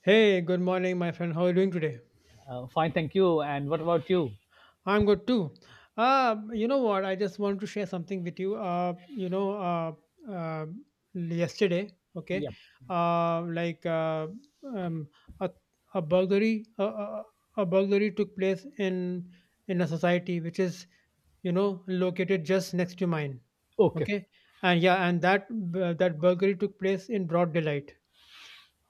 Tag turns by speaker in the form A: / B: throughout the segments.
A: Hey, good morning, my friend. How are you doing today?
B: Fine, thank you. And what about you?
A: I'm good too. You know what? I just want to share something with you. Uh, yesterday, okay,
B: Yep.
A: like um, a, a burglary, a burglary took place in a society which is, located just next to mine.
B: Okay.
A: Okay, and yeah, and that burglary took place in broad daylight.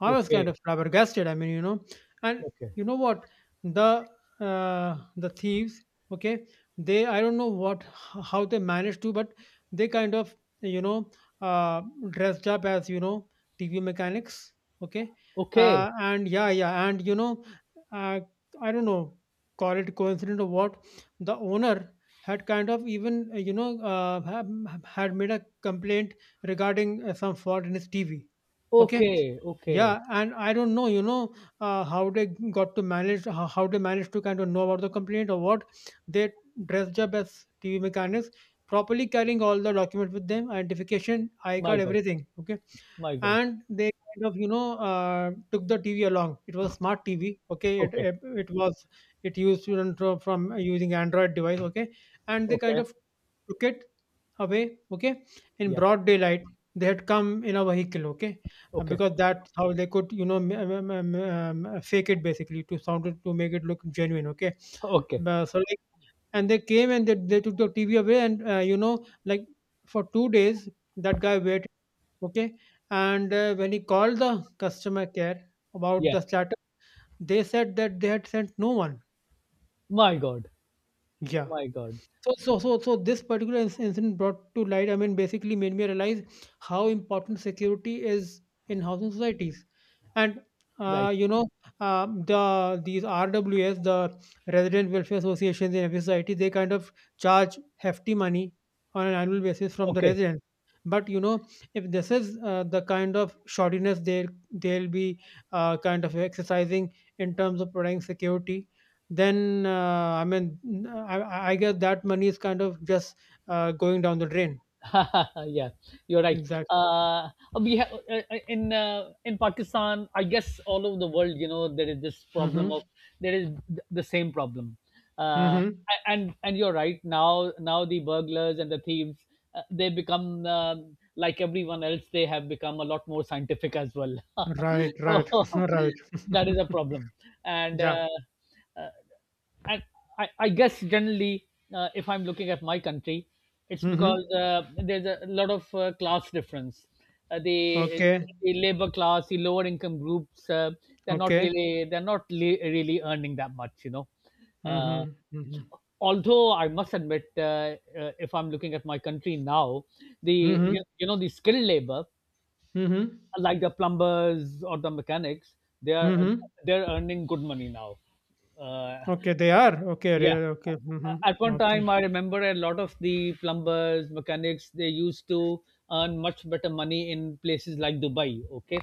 A: I was kind of
B: Okay.
A: flabbergasted. I mean, you know, and
B: Okay.
A: you know what the the thieves, okay, they I don't know what how they managed to, but they kind of you know uh, dressed up as TV mechanics, okay,
B: Okay.
A: and uh, I don't know, call it coincidence or what. The owner had kind of even had made a complaint regarding some fault in his TV, okay,
B: Okay. Okay.
A: yeah, and I don't know, you know, how they got to manage, how they managed to kind of know about the complaint or what. They dressed up as TV mechanics, properly carrying all the documents with them, identification, I
B: My
A: card,
B: God.
A: everything. Okay,
B: My God.
A: and they kind of, took the TV along. It was smart TV. Okay,
B: Okay.
A: it was it used from using Android device. Okay, and they kind
B: Okay.
A: of took it away, okay, in
B: Yep.
A: broad daylight. They had come in a vehicle, okay,
B: Okay.
A: because that's how they could, you know, fake it basically to sound it to make it look genuine, okay.
B: Okay.
A: Uh, so like, and they came and they took the TV away, and for 2 days that guy waited, okay, and when he called the customer care about
B: Yeah.
A: the status, they said that they had sent no one.
B: My God.
A: Yeah.
B: My God.
A: So this particular incident brought to light, I mean, basically made me realize how important security is in housing societies. And,
B: Right.
A: uh, you know, the these RWS, the Resident Welfare Associations in every society, they kind of charge hefty money on an annual basis from the
B: Okay.
A: residents. But, you know, if this is the kind of shoddiness they'll be kind of exercising in terms of providing security, then I mean, I guess that money is kind of just going down the drain.
B: Yeah, you're right.
A: Exactly.
B: Uh, we have in Pakistan, I guess all over the world, you know, there is this problem
A: Mm-hmm.
B: of there is th- the same problem. uh,
A: Mm-hmm.
B: a- and and you're right. Now the burglars and the thieves they become like everyone else. They have become a lot more scientific as well.
A: Right. Right.
B: So
A: Right.
B: that is a problem. and.
A: Yeah.
B: Uh, uh, and I guess generally, if I'm looking at my country, it's
A: Mm-hmm.
B: because there's a lot of class difference. Uh, the,
A: Okay.
B: the labor class, the lower income groups, they're
A: Okay.
B: not really earning that much, you know.
A: Mm-hmm.
B: Uh,
A: Mm-hmm.
B: Although I must admit, if I'm looking at my country now, the
A: Mm-hmm.
B: you, you know, the skilled labor
A: Mm-hmm.
B: like the plumbers or the mechanics, they are
A: Mm-hmm.
B: they're earning good money now. Uh,
A: Okay. They are okay.
B: yeah.
A: Okay.
B: At
A: Mm-hmm.
B: one
A: Okay.
B: time, I remember a lot of the plumbers, mechanics, they used to earn much better money in places like Dubai. Okay,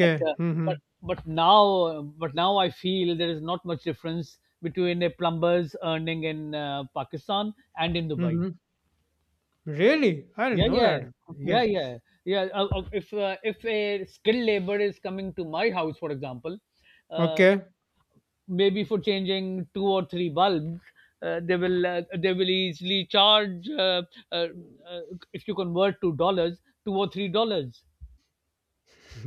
B: but uh,
A: Mm-hmm.
B: but now I feel there is not much difference between a plumber's earning in Pakistan and in Dubai.
A: Mm-hmm. Really? I didn't
B: Yeah,
A: know
B: yeah,
A: that.
B: yeah,
A: Okay.
B: yeah, yeah. If a skilled labor is coming to my house, for example, uh,
A: Okay.
B: maybe for changing two or three bulbs, they will easily charge, uh, uh, if you convert to dollars, $2 or $3.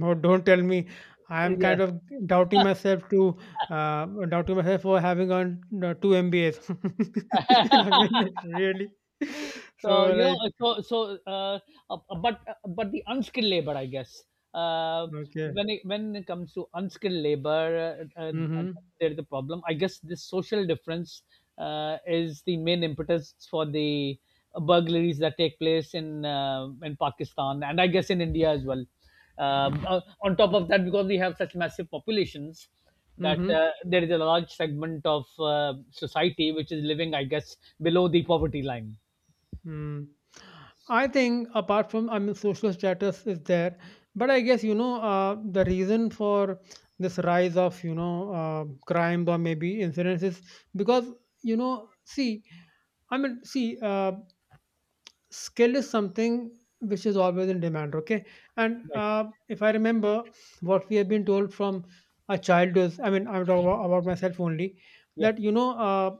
A: Oh, don't tell me. I am
B: Yeah.
A: kind of doubting myself to doubting myself for having on two MBAs. I mean, it's really.
B: So
A: So
B: you
A: like,
B: know, so so uh, but But the unskilled labor, I guess, uh,
A: okay.
B: when it comes to unskilled labor, uh,
A: Mm-hmm.
B: there's a problem. I guess this social difference is the main impetus for the burglaries that take place in Pakistan and I guess in India as well. On top of that, because we have such massive populations, that
A: Mm-hmm.
B: there is a large segment of society which is living, I guess, below the poverty line.
A: Mm. I think apart from I mean, social status is there, but I guess the reason for this rise of crimes or maybe incidents is because you know see I mean see skill is something which is always in demand, okay, and
B: Right.
A: if I remember what we have been told from a child is I mean I'm talking about myself only
B: Yeah.
A: that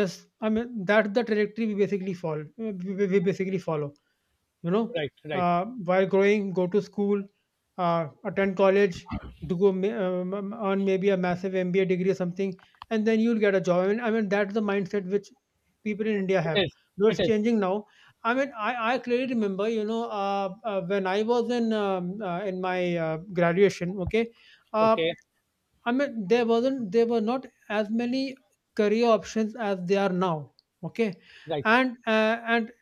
A: just I mean that's the trajectory we basically fall we basically follow, you know,
B: Right. Right.
A: uh, while growing go to school, attend college, do earn maybe a massive MBA degree or something, and then you'll get a job. I mean that's the mindset which people in India
B: It
A: have,
B: is.
A: though it's
B: It is.
A: changing now. I clearly remember, when I was in my graduation, okay, uh,
B: Okay.
A: I mean, there were not as many career options as they are now. Okay,
B: Right.
A: and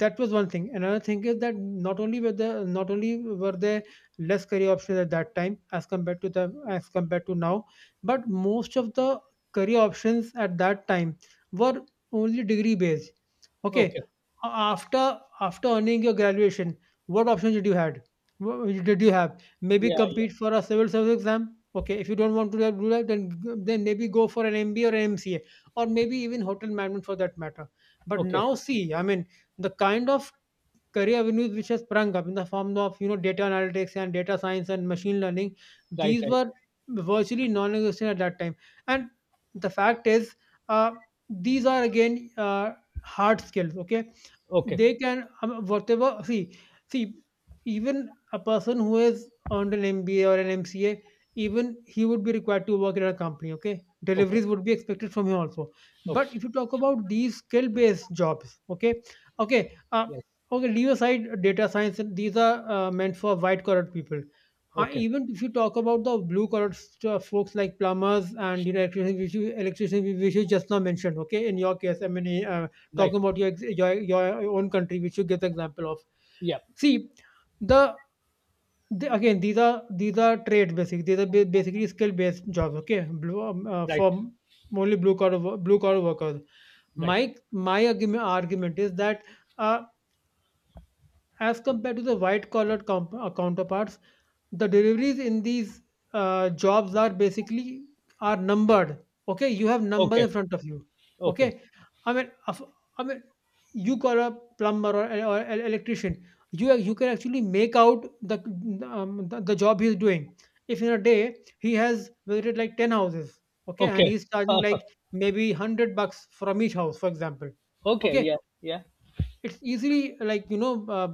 A: that was one thing. Another thing is that not only were there less career options at that time as compared to now, but most of the career options at that time were only degree based.
B: Okay.
A: Okay, after earning your graduation, what options did you had? What did you have? Maybe
B: Yeah. Yeah.
A: compete for a civil service exam. Okay, if you don't want to do that, then maybe go for an MBA or an MCA, or maybe even hotel management for that matter. But
B: Okay.
A: now see, I mean, the kind of career avenues which has sprung up in the form of data analytics and data science and machine learning,
B: Right.
A: these
B: Right.
A: were virtually non-existent at that time. And the fact is, uh, these are again hard skills. Okay,
B: Right. Okay.
A: they can whatever see see even a person who has earned an MBA or an MCA even he would be required to work in a company, okay,
B: Okay.
A: deliveries would be expected from him also. But
B: Okay.
A: if you talk about these skill based jobs, okay, okay,
B: Right.
A: okay, leave aside data science, and these are meant for white collar people,
B: Okay.
A: even if you talk about the blue collar folks like plumbers and you know electricians electricians which you just now mentioned, okay, in your case I mean talking
B: Right.
A: about your your own country, which you give the example of.
B: Yeah.
A: See, the, the again these are trade basic, these are basically skill based jobs. Okay, blue,
B: Right.
A: for only blue collar blue collar workers.
B: Right.
A: My argument is that uh, as compared to the white collar counterparts, the deliveries in these jobs are basically are numbered. Okay, you have numbers in
B: Okay.
A: front of you.
B: Okay.
A: Okay, I mean, of- I mean, you call a plumber or an electrician, you can actually make out the the job he's doing. If in a day he has visited like 10 houses, okay, and
B: Okay.
A: he's charging like maybe 100 bucks from each house, for example,
B: Okay.
A: okay,
B: Yeah. Yeah.
A: it's easily like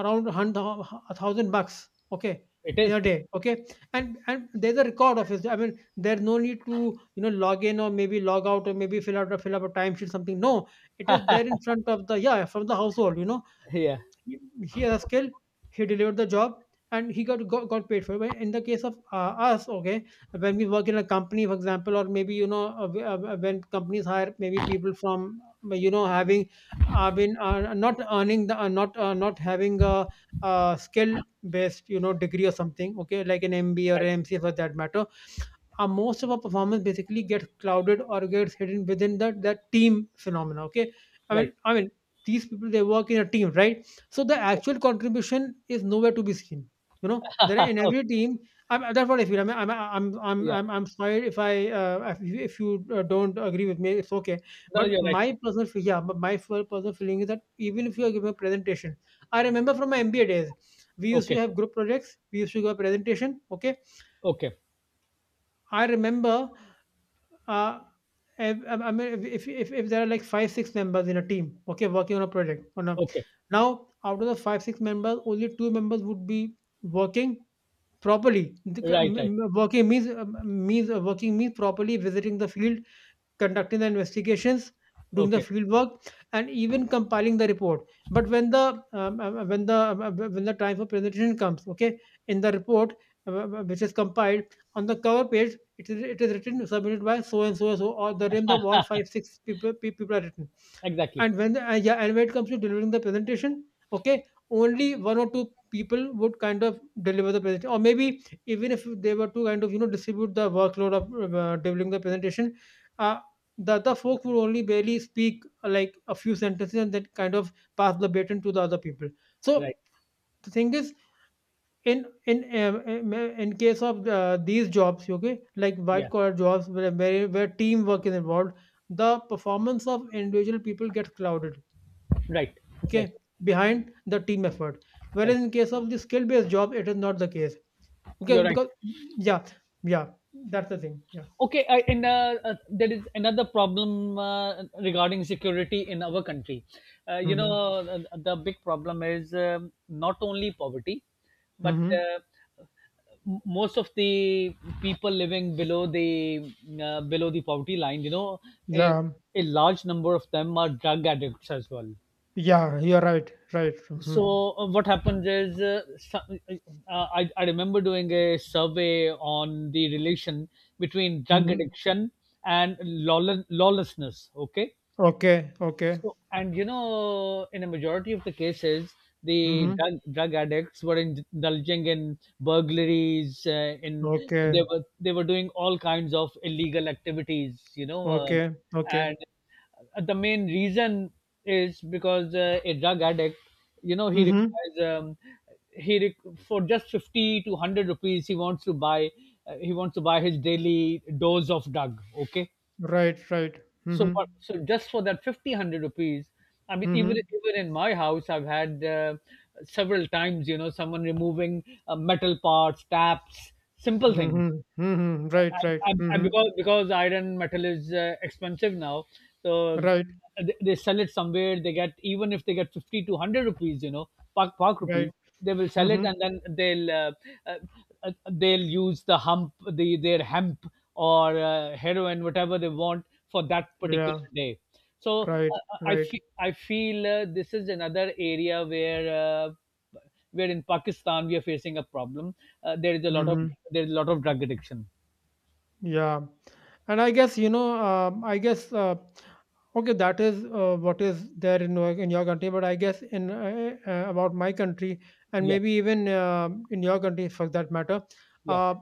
A: around hundred 1,000 bucks, okay,
B: It
A: in a
B: is.
A: day, okay, and there's a record of it. I mean, there's no need to, you know, log in or maybe log out or maybe fill up a timesheet something. No, it is there in front of the yeah from the household, you know,
B: Yeah.
A: he he has a skill, he delivered the job, and he got paid for it. But in the case of us, okay, when we work in a company, for example, or maybe when companies hire maybe people from having been not earning the not not having a, skill based degree or something, okay, like an MBA or
B: Right.
A: MCA for that matter, most of our performance basically gets clouded or gets hidden within the that team phenomena. Okay,
B: Right.
A: I mean, these people they work in a team, right? So the actual
B: Exactly.
A: contribution is nowhere to be seen. You know, there are in every team. That's what I feel. I'm, I'm, I'm, I'm,
B: Yeah.
A: I'm, I'm sorry if I, if you don't agree with me, it's okay.
B: No, no,
A: But
B: you're right.
A: my personal, feel- yeah, but my fir- personal feeling is that even if you are giving a presentation, I remember from my MBA days, we used to
B: Okay.
A: have group projects. We used to give a presentation. Okay,
B: Okay.
A: I remember, uh, I mean, if there are like 5 6 members in a team, okay, working on a project, on a
B: Okay.
A: now out of the 5 6 members, only two members would be working properly. The c-
B: Right.
A: m-
B: Right.
A: m- Working means working means properly visiting the field, conducting the investigations, doing the
B: Okay.
A: field work, and even compiling the report. But when the when the time for presentation comes, okay, in the report which is compiled on the cover page, it is written submitted by so and so and so, or the names of all 5 6 people are written,
B: Exactly.
A: and when the, yeah and when it comes to delivering the presentation, okay, only one or two people would kind of deliver the presentation, or maybe even if they were to kind of you know distribute the workload of delivering the presentation, uh, the other folk would only barely speak like a few sentences and then kind of pass the baton to the other people. So
B: Right.
A: the thing is, in in um, um, in case of these jobs, okay, like white
B: Yeah.
A: collar jobs where, where teamwork is involved, the performance of individual people gets clouded,
B: Right. Right.
A: okay, behind the team effort. Whereas
B: Right.
A: in case of the skill-based job, it is not the case. Okay,
B: You're right.
A: because yeah, yeah, that's the thing. Yeah.
B: Okay. I, in There is another problem regarding security in our country. You know,
A: Mm-hmm.
B: the big problem is, not only poverty, but
A: Mm-hmm.
B: most of the people living below the, poverty line. You know, a,
A: Yeah.
B: a large number of them are drug addicts as well.
A: Yeah, you're right. Right. Mm-hmm.
B: So what happens is, I remember doing a survey on the relation between drug
A: Mm-hmm.
B: addiction and lawlessness. Okay,
A: Okay. Okay.
B: and you know, in a majority of the cases, the
A: Mm-hmm.
B: drug addicts were indulging in burglaries. In
A: Okay.
B: They were doing all kinds of illegal activities, you know. Uh,
A: Okay. Okay.
B: and The main reason is because a drug addict, you know, he
A: Mm-hmm.
B: requires, he re- for just 50 to 100 rupees, he wants to buy, his daily dose of drug. Okay,
A: Right. Right.
B: so
A: Mm-hmm.
B: what? So just for that fifty hundred rupees. I mean, even
A: Mm-hmm.
B: even in my house, I've had, several times. You know, someone removing, metal parts, taps, simple things,
A: Mm-hmm. Mm-hmm. Right. Right.
B: and
A: Mm-hmm.
B: because iron metal is expensive now, so
A: Right.
B: they sell it somewhere. They get, even if they get 50 to hundred rupees, you know, park rupees.
A: Right.
B: They will sell it
A: Mm-hmm.
B: and then uh, they'll use the their hemp or heroin, whatever they want for that particular
A: Yeah.
B: day. So uh,
A: Right.
B: uh, I
A: Right.
B: feel I feel uh, this is another area where in Pakistan we are facing a problem. There is a lot
A: Mm-hmm.
B: of drug addiction.
A: Yeah, and I guess I guess okay, that is what is there in in your country. But I guess in about my country, and
B: Yeah,
A: maybe even in your country for that matter,
B: yeah.
A: uh,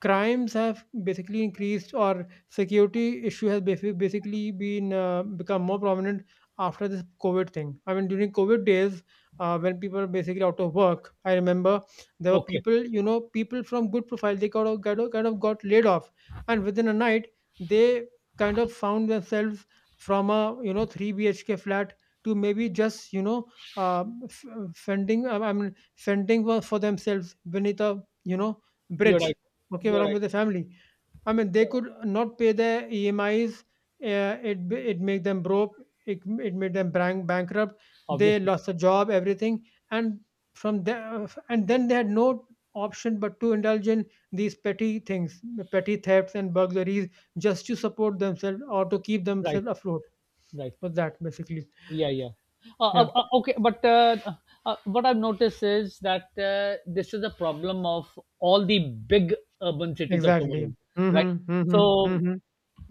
A: crimes have basically increased or security issue has basically been become more prominent after this COVID thing. I mean, during COVID days, when people were basically out of work, I remember there were
B: Okay,
A: people, you know, people from good profile, they got kind of got laid off, and within a night they kind of found themselves from a, you know, 3 BHK flat to maybe, just, you know, uh, f- fending I mean fending for themselves beneath a, you know,
B: you're
A: bridge.
B: right.
A: Okay,
B: You're
A: along
B: right.
A: with the family. I mean, they
B: You're right.
A: could not pay their EMIs. It it made them broke. It made them bankrupt. They
B: Obviously,
A: lost a job, everything, and from there, and then they had no option but to indulge in these petty things, petty thefts and burglaries, just to support themselves or to keep
B: right,
A: themselves afloat.
B: right.
A: For that, basically,
B: Yeah, yeah.
A: yeah,
B: Okay, but what I've noticed is that this is a problem of all the big urban cities of the
A: exactly.
B: world, right?
A: Mm-hmm. Mm-hmm.
B: So
A: Mm-hmm.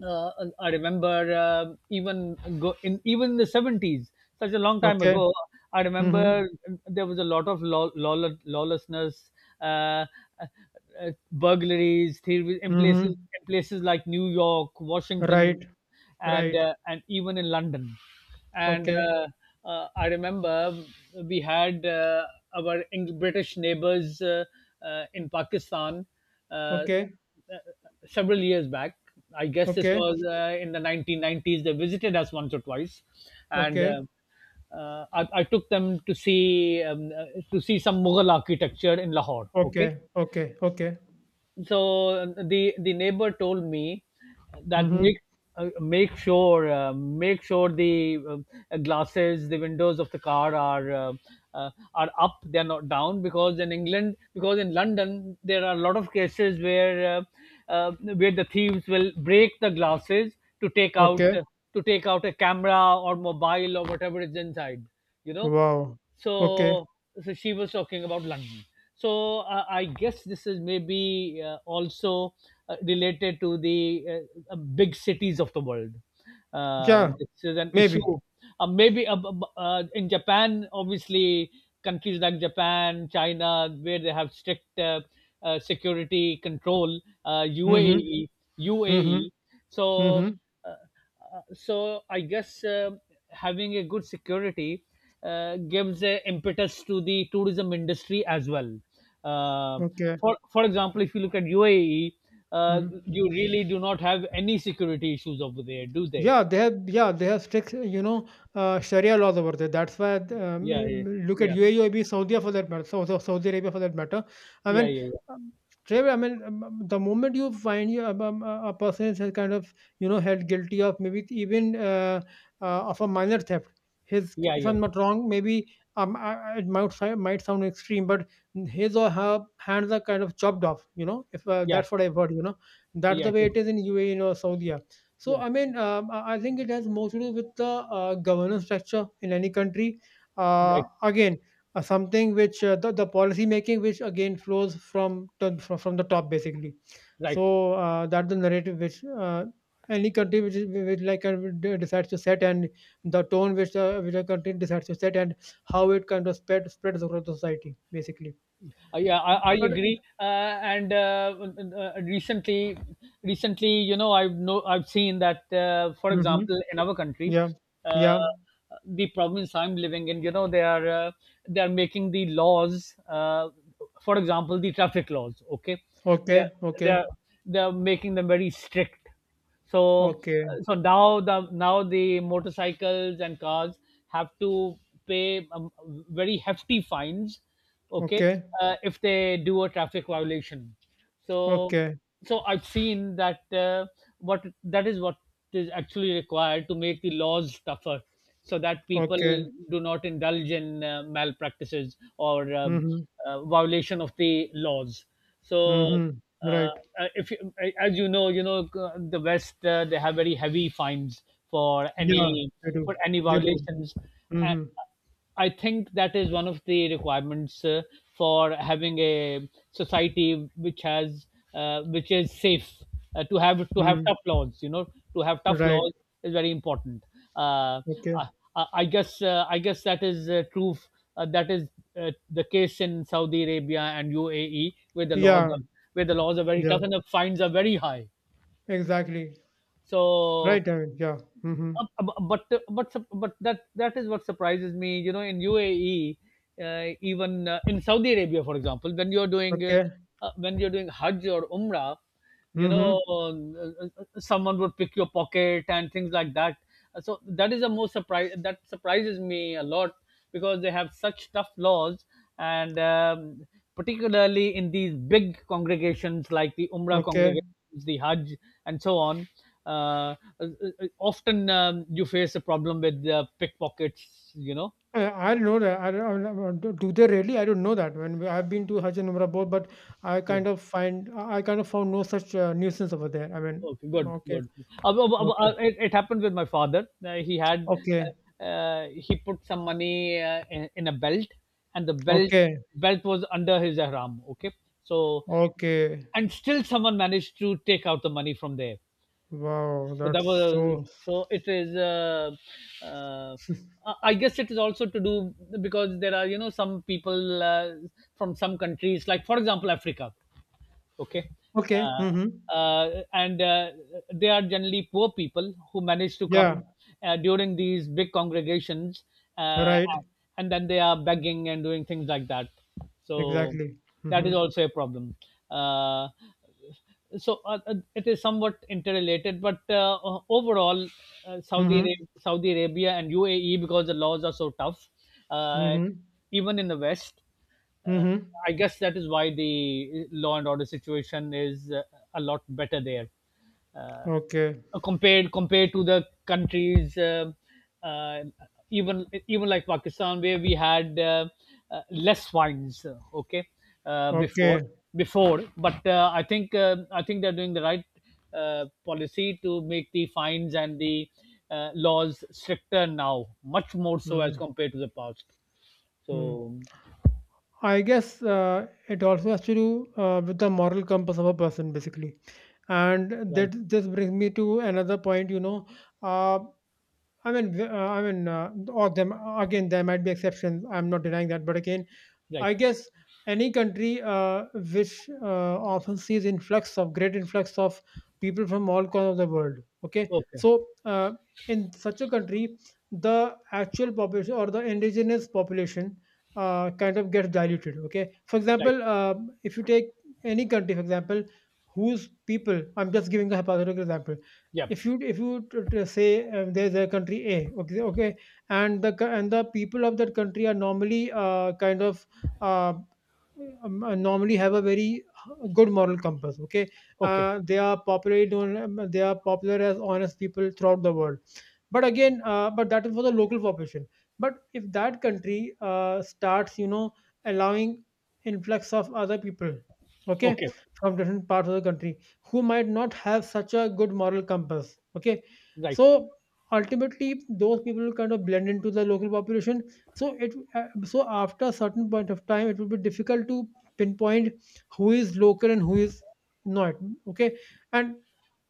B: uh, I remember even in the 70s, such a long time
A: Okay.
B: ago. I
A: Mm-hmm.
B: remember there was a lot of lawlessness, uh, uh, burglaries, thievery in
A: Mm-hmm.
B: places like New York, Washington,
A: Right. Right.
B: and even in London. And
A: Okay.
B: uh, uh, I remember we had, our British neighbors, in Pakistan, uh, uh,
A: Okay.
B: several years back. I guess this
A: Okay.
B: was, in the 1990s. They visited us once or twice, and uh,
A: Okay,
B: uh, I, I took them to see, some Mughal architecture in Lahore. Okay,
A: okay, okay, okay.
B: so the neighbor told me that,
A: Mhm.
B: make sure, the, glasses, the windows of the car are, are up, they're not down, because in England, because in London there are a lot of cases where, where the thieves will break the glasses to
A: Okay.
B: take out a camera or mobile or whatever is inside, you know.
A: Wow. Okay.
B: so, so she was talking about London. So I guess this is maybe, also related to the big cities of the world.
A: Yeah,
B: This is an issue.
A: maybe.
B: Maybe, in Japan, obviously, countries like Japan, China, where they have strict, security control,
A: Mhm.
B: UAE,
A: Mhm.
B: UAE. So
A: Mhm.
B: uh, so I guess, having a good security, gives a impetus to the tourism industry as well. Uh,
A: Okay.
B: for example, if you look at UAE,
A: Mhm.
B: you really do not have any security issues over there, do they?
A: Yeah, they have, yeah, they have strict, you know, Sharia laws over there. That's why
B: Yeah,
A: look at
B: yeah,
A: UAE, or maybe Saudi for that matter, Saudi Arabia for that matter. I
B: yeah,
A: mean,
B: yeah, yeah,
A: um, the moment you find you a person is, has kind of, you know, held guilty of maybe even of a minor theft, his,
B: yeah,
A: if
B: yeah,
A: I'm not wrong, maybe, it might sound extreme, but his or her hands are kind of chopped off. You know, if
B: yeah, yeah,
A: that's what I've heard. You know, that's
B: yeah.
A: the
B: It
A: way
B: is.
A: it is in UAE or Saudi. So,
B: Yeah,
A: I mean, I think it has more to do with the governance structure in any country.
B: right,
A: Again, something which the policy making, which again flows from the top, basically.
B: right.
A: So that's the narrative which any country which like decides to set, and the tone which a country decides to set, and how it kind of spreads across the society, basically.
B: Yeah, I
A: But
B: agree. And uh, recently, Recently, you know, I've no, I've seen that, for
A: hmm,
B: example, in our country,
A: yeah,
B: uh,
A: yeah,
B: the province I'm living in, you know, they are making the laws. For example, the traffic laws. Okay, they're
A: okay, okay,
B: they're they're making them very strict. So
A: okay,
B: so now the motorcycles and cars have to pay, very hefty fines. Okay,
A: okay,
B: if they do a traffic violation. So
A: okay.
B: so I've seen that, what that is what is actually required to make the laws tougher, so that people
A: Okay.
B: do not indulge in, malpractices, or
A: Mhm.
B: violation of the laws. so
A: Mhm.
B: uh,
A: Right.
B: if you, As you know, the west, they have very heavy fines for
A: Yeah, they do.
B: any
A: They do.
B: violations. Uh,
A: Mhm.
B: I think that is one of the requirements, for having a society which is safe, to have
A: Mhm.
B: tough laws. You know, to have tough
A: Right.
B: laws is very important. Uh,
A: Okay.
B: I, I guess, that is, true. That is, uh, the case in Saudi Arabia and UAE, where the laws
A: Yeah.
B: are where the laws are very
A: Yeah.
B: tough and the fines are very high.
A: Exactly.
B: So
A: Right. I mean, yeah. Mhm.
B: uh, but that is what surprises me. You know, in UAE, even in Saudi Arabia, for example,
A: Okay.
B: when you're doing Hajj or Umrah, you
A: Mhm.
B: know, someone would pick your pocket and things like that. So that is, the most surprise that surprises me a lot, because they have such tough laws, and particularly in these big congregations, like the umrah
A: Okay.
B: congregations, the hajj and so on. uh, uh, Often, you face a problem with, pickpockets, you know.
A: I don't know that. I don't- do do they really? I don't know that. I've been to Hajj and Umrah both, but I
B: Yeah.
A: kind of find, I kind of found no such nuisance over there. I mean,
B: Okay, good,
A: okay.
B: good. Uh, uh, uh,
A: Okay.
B: uh, it, it happened with my father.
A: Okay.
B: He put some money, in, a belt, and the belt
A: Okay.
B: belt was under his ihram. Okay, so
A: Okay.
B: and still someone managed to take out the money from there.
A: Wow.
B: So that
A: That's
B: was.
A: so.
B: So it is. Uh, I guess it is also to do, because there are, you know, some people, from some countries, like for example Africa. Okay,
A: Okay.
B: uh,
A: Mhm.
B: and they are generally poor people who manage to
A: Yeah.
B: come, during these big congregations, uh,
A: Right,
B: and then they are begging and doing things like that. So
A: exactly.
B: that
A: Mm-hmm.
B: is also a problem. uh, it is somewhat interrelated, but overall,
A: Mm-hmm.
B: Saudi Arabia and UAE, because the laws are so tough, uh,
A: Mm-hmm.
B: even in the West. Uh,
A: Mm-hmm.
B: I guess that is why the law and order situation is a lot better there. Uh,
A: Okay.
B: compared to the countries, uh, even like Pakistan where we had less wines, okay, uh,
A: Okay.
B: before before, but I think they're doing the right policy to make the fines and the laws stricter now, much more so as
A: Mm-hmm.
B: compared to the past. So
A: I guess it also has to do with the moral compass of a person, basically. And
B: right,
A: that just brings me to another point. You know, uh, I mean, or them, again, there might be exceptions. I'm not denying that, but again,
B: right,
A: I guess any country which often sees influx of great influx of people from all corners of the world. Okay,
B: okay,
A: so in such a country, the actual population or the indigenous population kind of gets diluted. Okay, for
B: right,
A: example, if you take any country, for example, whose people, I'm just giving a hypothetical example.
B: yeah,
A: If you say, there's a country A, okay, okay, and and the people of that country are normally kind of uh, normally have a very good moral compass, okay,
B: okay,
A: they are popularly known, they are popular as honest people throughout the world, but again, but that is for the local population. But if that country starts, you know, allowing influx of other people, okay,
B: okay,
A: from different parts of the country, who might not have such a good moral compass, okay,
B: right,
A: so ultimately those people kind of blend into the local population. So it so after a certain point of time it will be difficult to pinpoint who is local and who is not, okay. And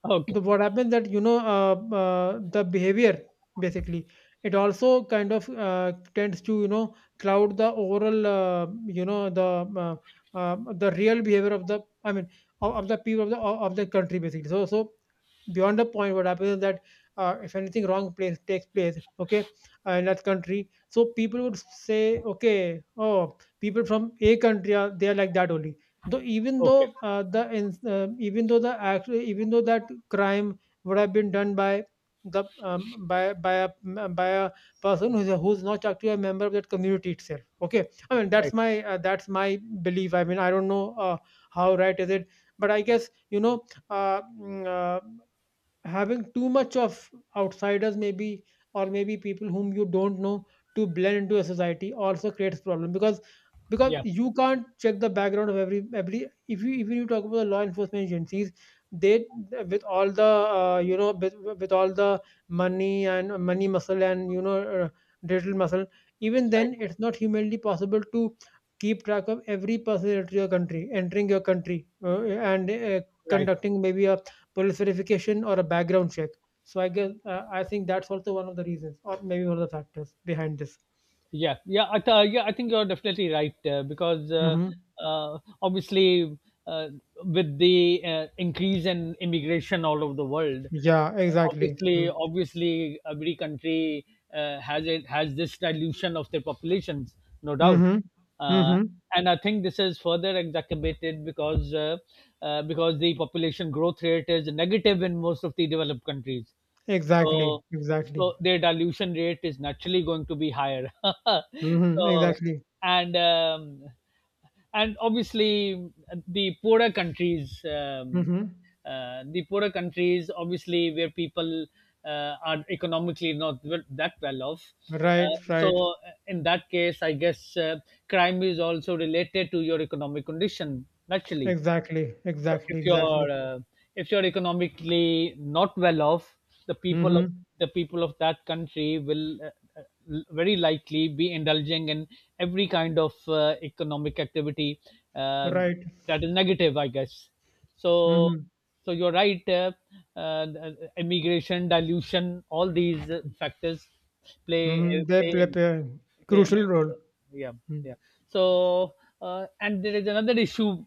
B: okay,
A: the what happens that, you know, the behavior, basically, it also kind of tends to, you know, cloud the overall, you know, uh, the real behavior of the, I mean, of the people of the country, basically. So beyond the point what happens is that if anything wrong place takes place, okay, in that country, so people would say, okay, oh, people from a country are, they are like that only. Though even
B: okay,
A: though even though the act, even though that crime would have been done by the by a person who's not actually a member of that community itself. Okay, I mean,
B: right,
A: that's my belief. I mean, I don't know how right is it, but I guess, you know, having too much of outsiders, maybe, or maybe people whom you don't know, to blend into a society also creates problem, because
B: yeah,
A: you can't check the background of every, if you even you talk about the law enforcement agencies, they, with all the you know, with all the money and money muscle and, you know, digital muscle, even
B: right,
A: then it's not humanly possible to keep track of every person entering your country, entering your country, and
B: right.
A: conducting maybe a verification or a background check. So I guess I think that's also one of the reasons, or maybe one of the factors behind this.
B: Yeah, yeah, yeah, I think you're definitely right, uh, because uh,
A: Mm-hmm.
B: uh, obviously, uh, with the increase in immigration all over the world.
A: Yeah, exactly.
B: obviously,
A: Hmm.
B: obviously every country has this dilution of their populations, no doubt.
A: Mm-hmm.
B: Uh,
A: Mm-hmm.
B: and I think this is further exacerbated because the population growth rate is negative in most of the developed countries. So
A: Exactly. Exactly.
B: so their dilution rate is naturally going to be higher.
A: Mm-hmm.
B: So
A: Exactly.
B: and um, and obviously the poorer countries, um,
A: Mm-hmm.
B: the poorer countries, obviously, where people are economically not wel- that well off.
A: Right. Right.
B: So in that case, I guess, crime is also related to your economic condition naturally.
A: Exactly.
B: So
A: Exactly.
B: if
A: Exactly.
B: you're uh, if you're economically not well off, the people of
A: Mm-hmm.
B: the people of that country will uh, very likely be indulging in every kind of economic activity uh,
A: Right.
B: that is negative, I guess. So
A: Mm-hmm.
B: so you're right. Uh, Immigration, dilution, all these factors play
A: Mm-hmm. They
B: play
A: play,
B: in
A: play a
B: play a
A: crucial
B: major
A: role.
B: role. Yeah,
A: Hmm.
B: yeah. So, and there is another issue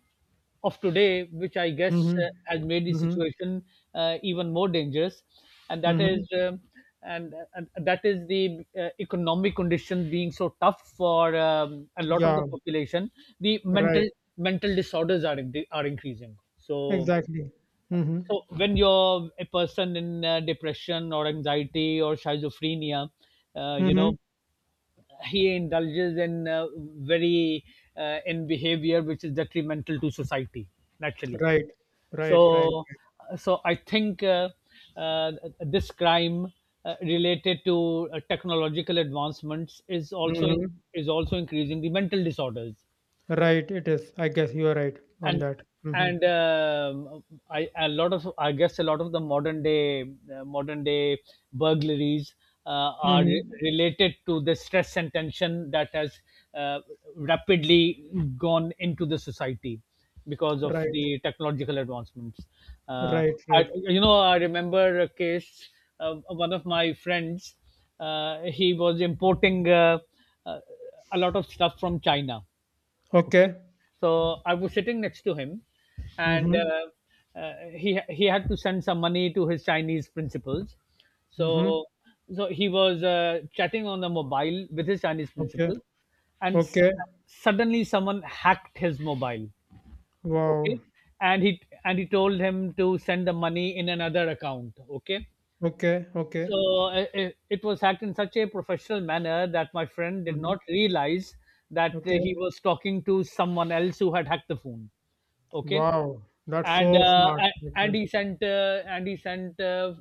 B: of today, which I guess
A: Mm-hmm.
B: has made the
A: Mm-hmm.
B: situation even more dangerous, and that is,
A: Mm-hmm.
B: the economic condition being so tough for a lot of the
A: Yeah.
B: population. The mental
A: Right.
B: mental disorders are increasing. So.
A: Exactly. Mm-hmm.
B: So when you're a person in depression or anxiety or schizophrenia, uh, you
A: Mm-hmm.
B: know, he indulges in very in behavior which is detrimental to society naturally.
A: Right,
B: so
A: right, right.
B: so i think uh, uh, this crime related to technological advancements
A: Mhm.
B: is also increasing the mental disorders.
A: Right, it is. I guess you are right on
B: and
A: that. Mm-hmm.
B: and um, I guess a lot of the modern day burglaries
A: Mm-hmm.
B: related to the stress and tension that has uh, rapidly gone into the society because of
A: Right,
B: the technological advancements. Uh,
A: right, right.
B: I remember a case. One of my friends, he was importing uh, a lot of stuff from China. Okay.
A: Okay.
B: So I was sitting next to him, and
A: Mm-hmm.
B: he had to send some money to his Chinese principals.
A: Mm-hmm.
B: So so he was chatting on the mobile with his Chinese
A: Okay.
B: principal, and
A: Okay.
B: suddenly someone hacked his mobile. Okay,
A: Wow.
B: and he told him to send the money in another account. Okay,
A: Okay. Okay.
B: so it was hacked in such a professional manner that my friend did
A: Mm-hmm.
B: not realize that
A: Okay.
B: he was talking to someone else who had hacked the phone. Okay,
A: Wow. That's
B: and
A: so
B: uh,
A: smart.
B: a- and
A: Okay.
B: he sent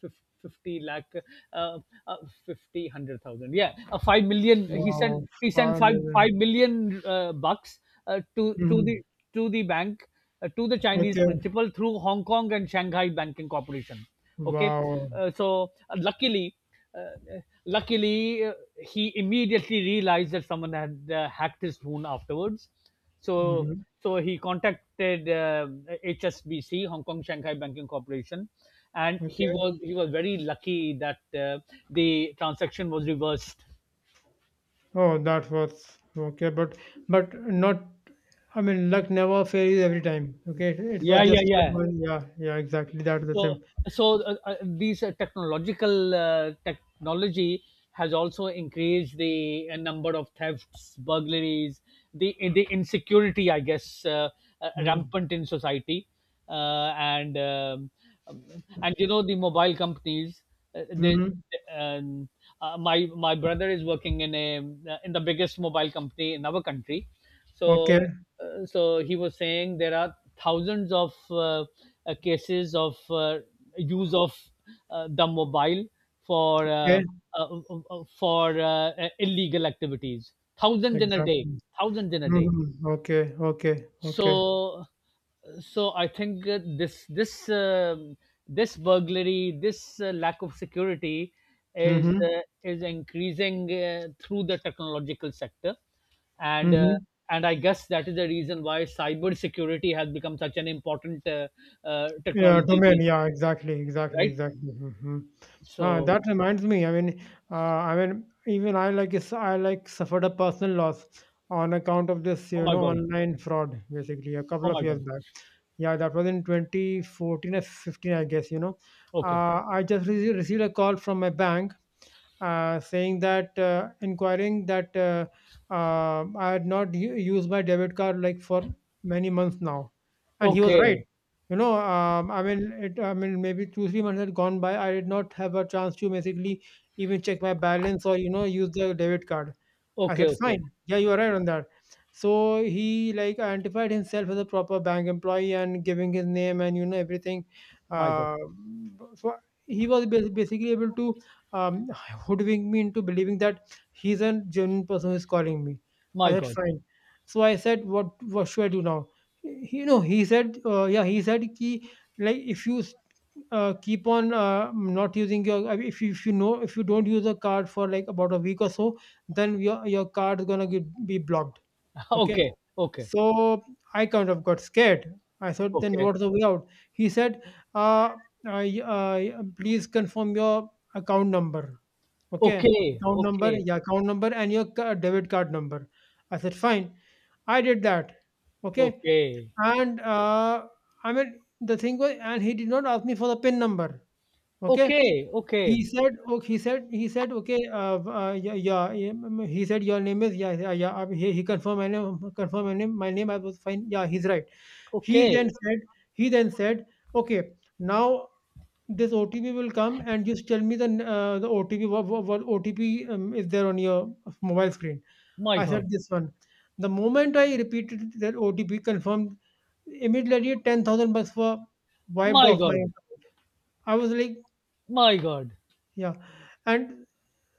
B: fif- 50 lakh, uh, uh, 50 100,000, yeah, 5 million, he sent
A: Wow.
B: he sent
A: Five
B: 5
A: million.
B: 5 million bucks uh, to to
A: Mm-hmm.
B: the to the bank, to the Chinese
A: Okay.
B: principal through Hong Kong and Shanghai Banking Corporation. Okay.
A: Wow.
B: So, uh, luckily, he immediately realized that someone had hacked his phone afterwards. so,
A: Mm-hmm.
B: so he contacted HSBC, Hong Kong Shanghai Banking Corporation, and he
A: Okay.
B: was he was very lucky that the transaction was reversed.
A: Oh, that was okay, but not. I mean, luck never fails every time. Okay, it was
B: Yeah, yeah,
A: just a
B: yeah.
A: one. Yeah, yeah, exactly. That's the
B: so
A: same.
B: so these technological technology has also increased the number of thefts, burglaries, the insecurity, I guess, rampant in society, uh, and um, and the mobile companies, they,
A: Mm-hmm.
B: um, my brother is working in a in the biggest mobile company in our country. So,
A: Okay,
B: so he was saying there are thousands of cases of use of the mobile for uh,
A: okay,
B: uh, uh, for illegal activities. Thousands in a day.
A: exactly.
B: Thousands in a day.
A: Mm-hmm. Okay, okay, okay.
B: So so i think uh, this burglary, this lack of security
A: Mm-hmm.
B: is increasing through the technological sector. and uh,
A: Mm-hmm.
B: and I guess that is the reason why cyber security has become such an important
A: Yeah,
B: technology
A: domain.
B: these
A: Yeah,
B: days.
A: exactly, exactly,
B: Right.
A: exactly. Hmm. That
B: So,
A: reminds me. I mean, even I like I like suffered a personal loss on account of this,
B: oh
A: you
B: my
A: know,
B: God,
A: online fraud. Basically, a couple
B: oh
A: of
B: my
A: years
B: God.
A: back. Yeah, that was in 2014 or 15, I guess. You know,
B: Okay,
A: I just received a call from my bank saying that inquiring that I had not used my debit card, like, for many months now, and he was right.
B: okay,
A: You know, I mean, it, I mean, maybe two, 3 months had gone by. I did not have a chance to basically even check my balance, or, you know, use the debit card. I
B: okay,
A: said,
B: okay.
A: fine. Yeah, you are right on that. So he like identified himself as a proper bank employee and giving his name and, you know, everything.
B: My God,
A: Uh, so he was basically able to um, hoodwink me into believing that he's a genuine person who's calling me. I
B: my
A: said,
B: God.
A: fine. So I said, what should I do now? He, you know, he said, yeah, he said, ki, like, if you keep on not using your, I mean, if you know, if you don't use a card for like about a week or so, then your card is gonna be blocked, okay.
B: Okay, okay,
A: So I kind of got scared. I thought, then
B: okay,
A: what's the way out? He said, uh, please confirm your account number, okay.
B: okay,
A: Account number,
B: okay.
A: yeah, account number and your debit card number. I said, fine. I did that, okay.
B: Okay.
A: And I mean, the thing was and he did not ask me for the PIN number, okay.
B: Okay,
A: He
B: okay,
A: said, oh, he said, okay, yeah, yeah, yeah, mm, he said, your name is, yeah, yeah, yeah, he confirmed my name, I was fine, yeah, he's right. He
B: okay.
A: then said, he then said, okay, now this OTP will come and just tell me the, the OTP, what OTP is there on your mobile screen.
B: My
A: I
B: God.
A: said, this one. The moment I repeated that OTP confirmed, immediately 10,000 bucks were wiped
B: My
A: off my
B: God.
A: account. I was like,
B: My God.
A: yeah. And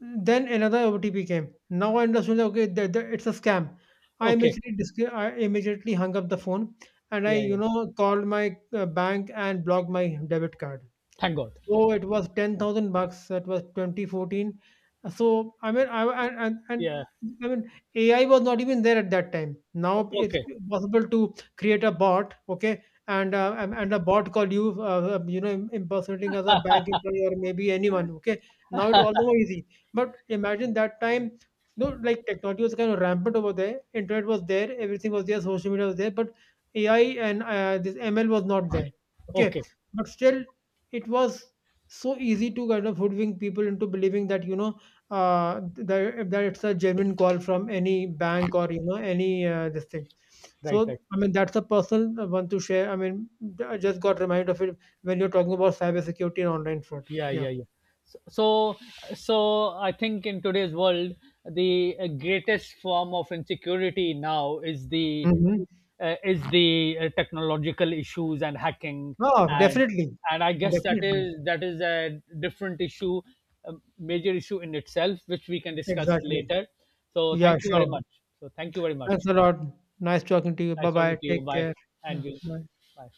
A: then another OTP came. Now I understood that, okay, that, that it's a scam.
B: Okay.
A: I immediately hung up the phone and I,
B: Yeah,
A: you
B: yeah.
A: know, called my bank and blocked my debit card.
B: Thank God.
A: So it was 10,000 bucks. That was 2014. So I mean, I and
B: Yeah.
A: I mean, AI was not even there at that time. Now
B: Okay.
A: it's
B: Okay.
A: possible to create a bot, okay, and and a bot call you, you know, impersonating as a bank employee or maybe anyone, okay. Now it's all the more easy. But imagine that time. No, like technology was kind of rampant over there. Internet was there, everything was there, social media was there, but AI and this ML was not there. Okay,
B: Okay.
A: but still, it was so easy to kind of hoodwink people into believing that, you know, that it's a genuine call from any bank or, you know, any this thing.
B: Right, right.
A: So I mean, that's a personal one to share. I mean, I just got reminded of it when you're talking about cybersecurity and online fraud.
B: Yeah,
A: Yeah.
B: yeah, yeah. So so so i think in today's world the greatest form of insecurity now is the
A: Mm-hmm.
B: technological issues and hacking.
A: Oh,
B: and
A: definitely.
B: and I guess that
A: Definitely.
B: is a different issue, a major issue in itself, which we can discuss
A: Exactly.
B: later. So
A: Yeah,
B: thank you very
A: sure.
B: much. so thank you very
A: Thanks
B: much
A: a lot. Nice talking to you. Bye
B: Nice
A: bye.
B: talking to you.
A: Take
B: Bye,
A: care.
B: and
A: Yeah,
B: you.
A: bye.
B: Bye.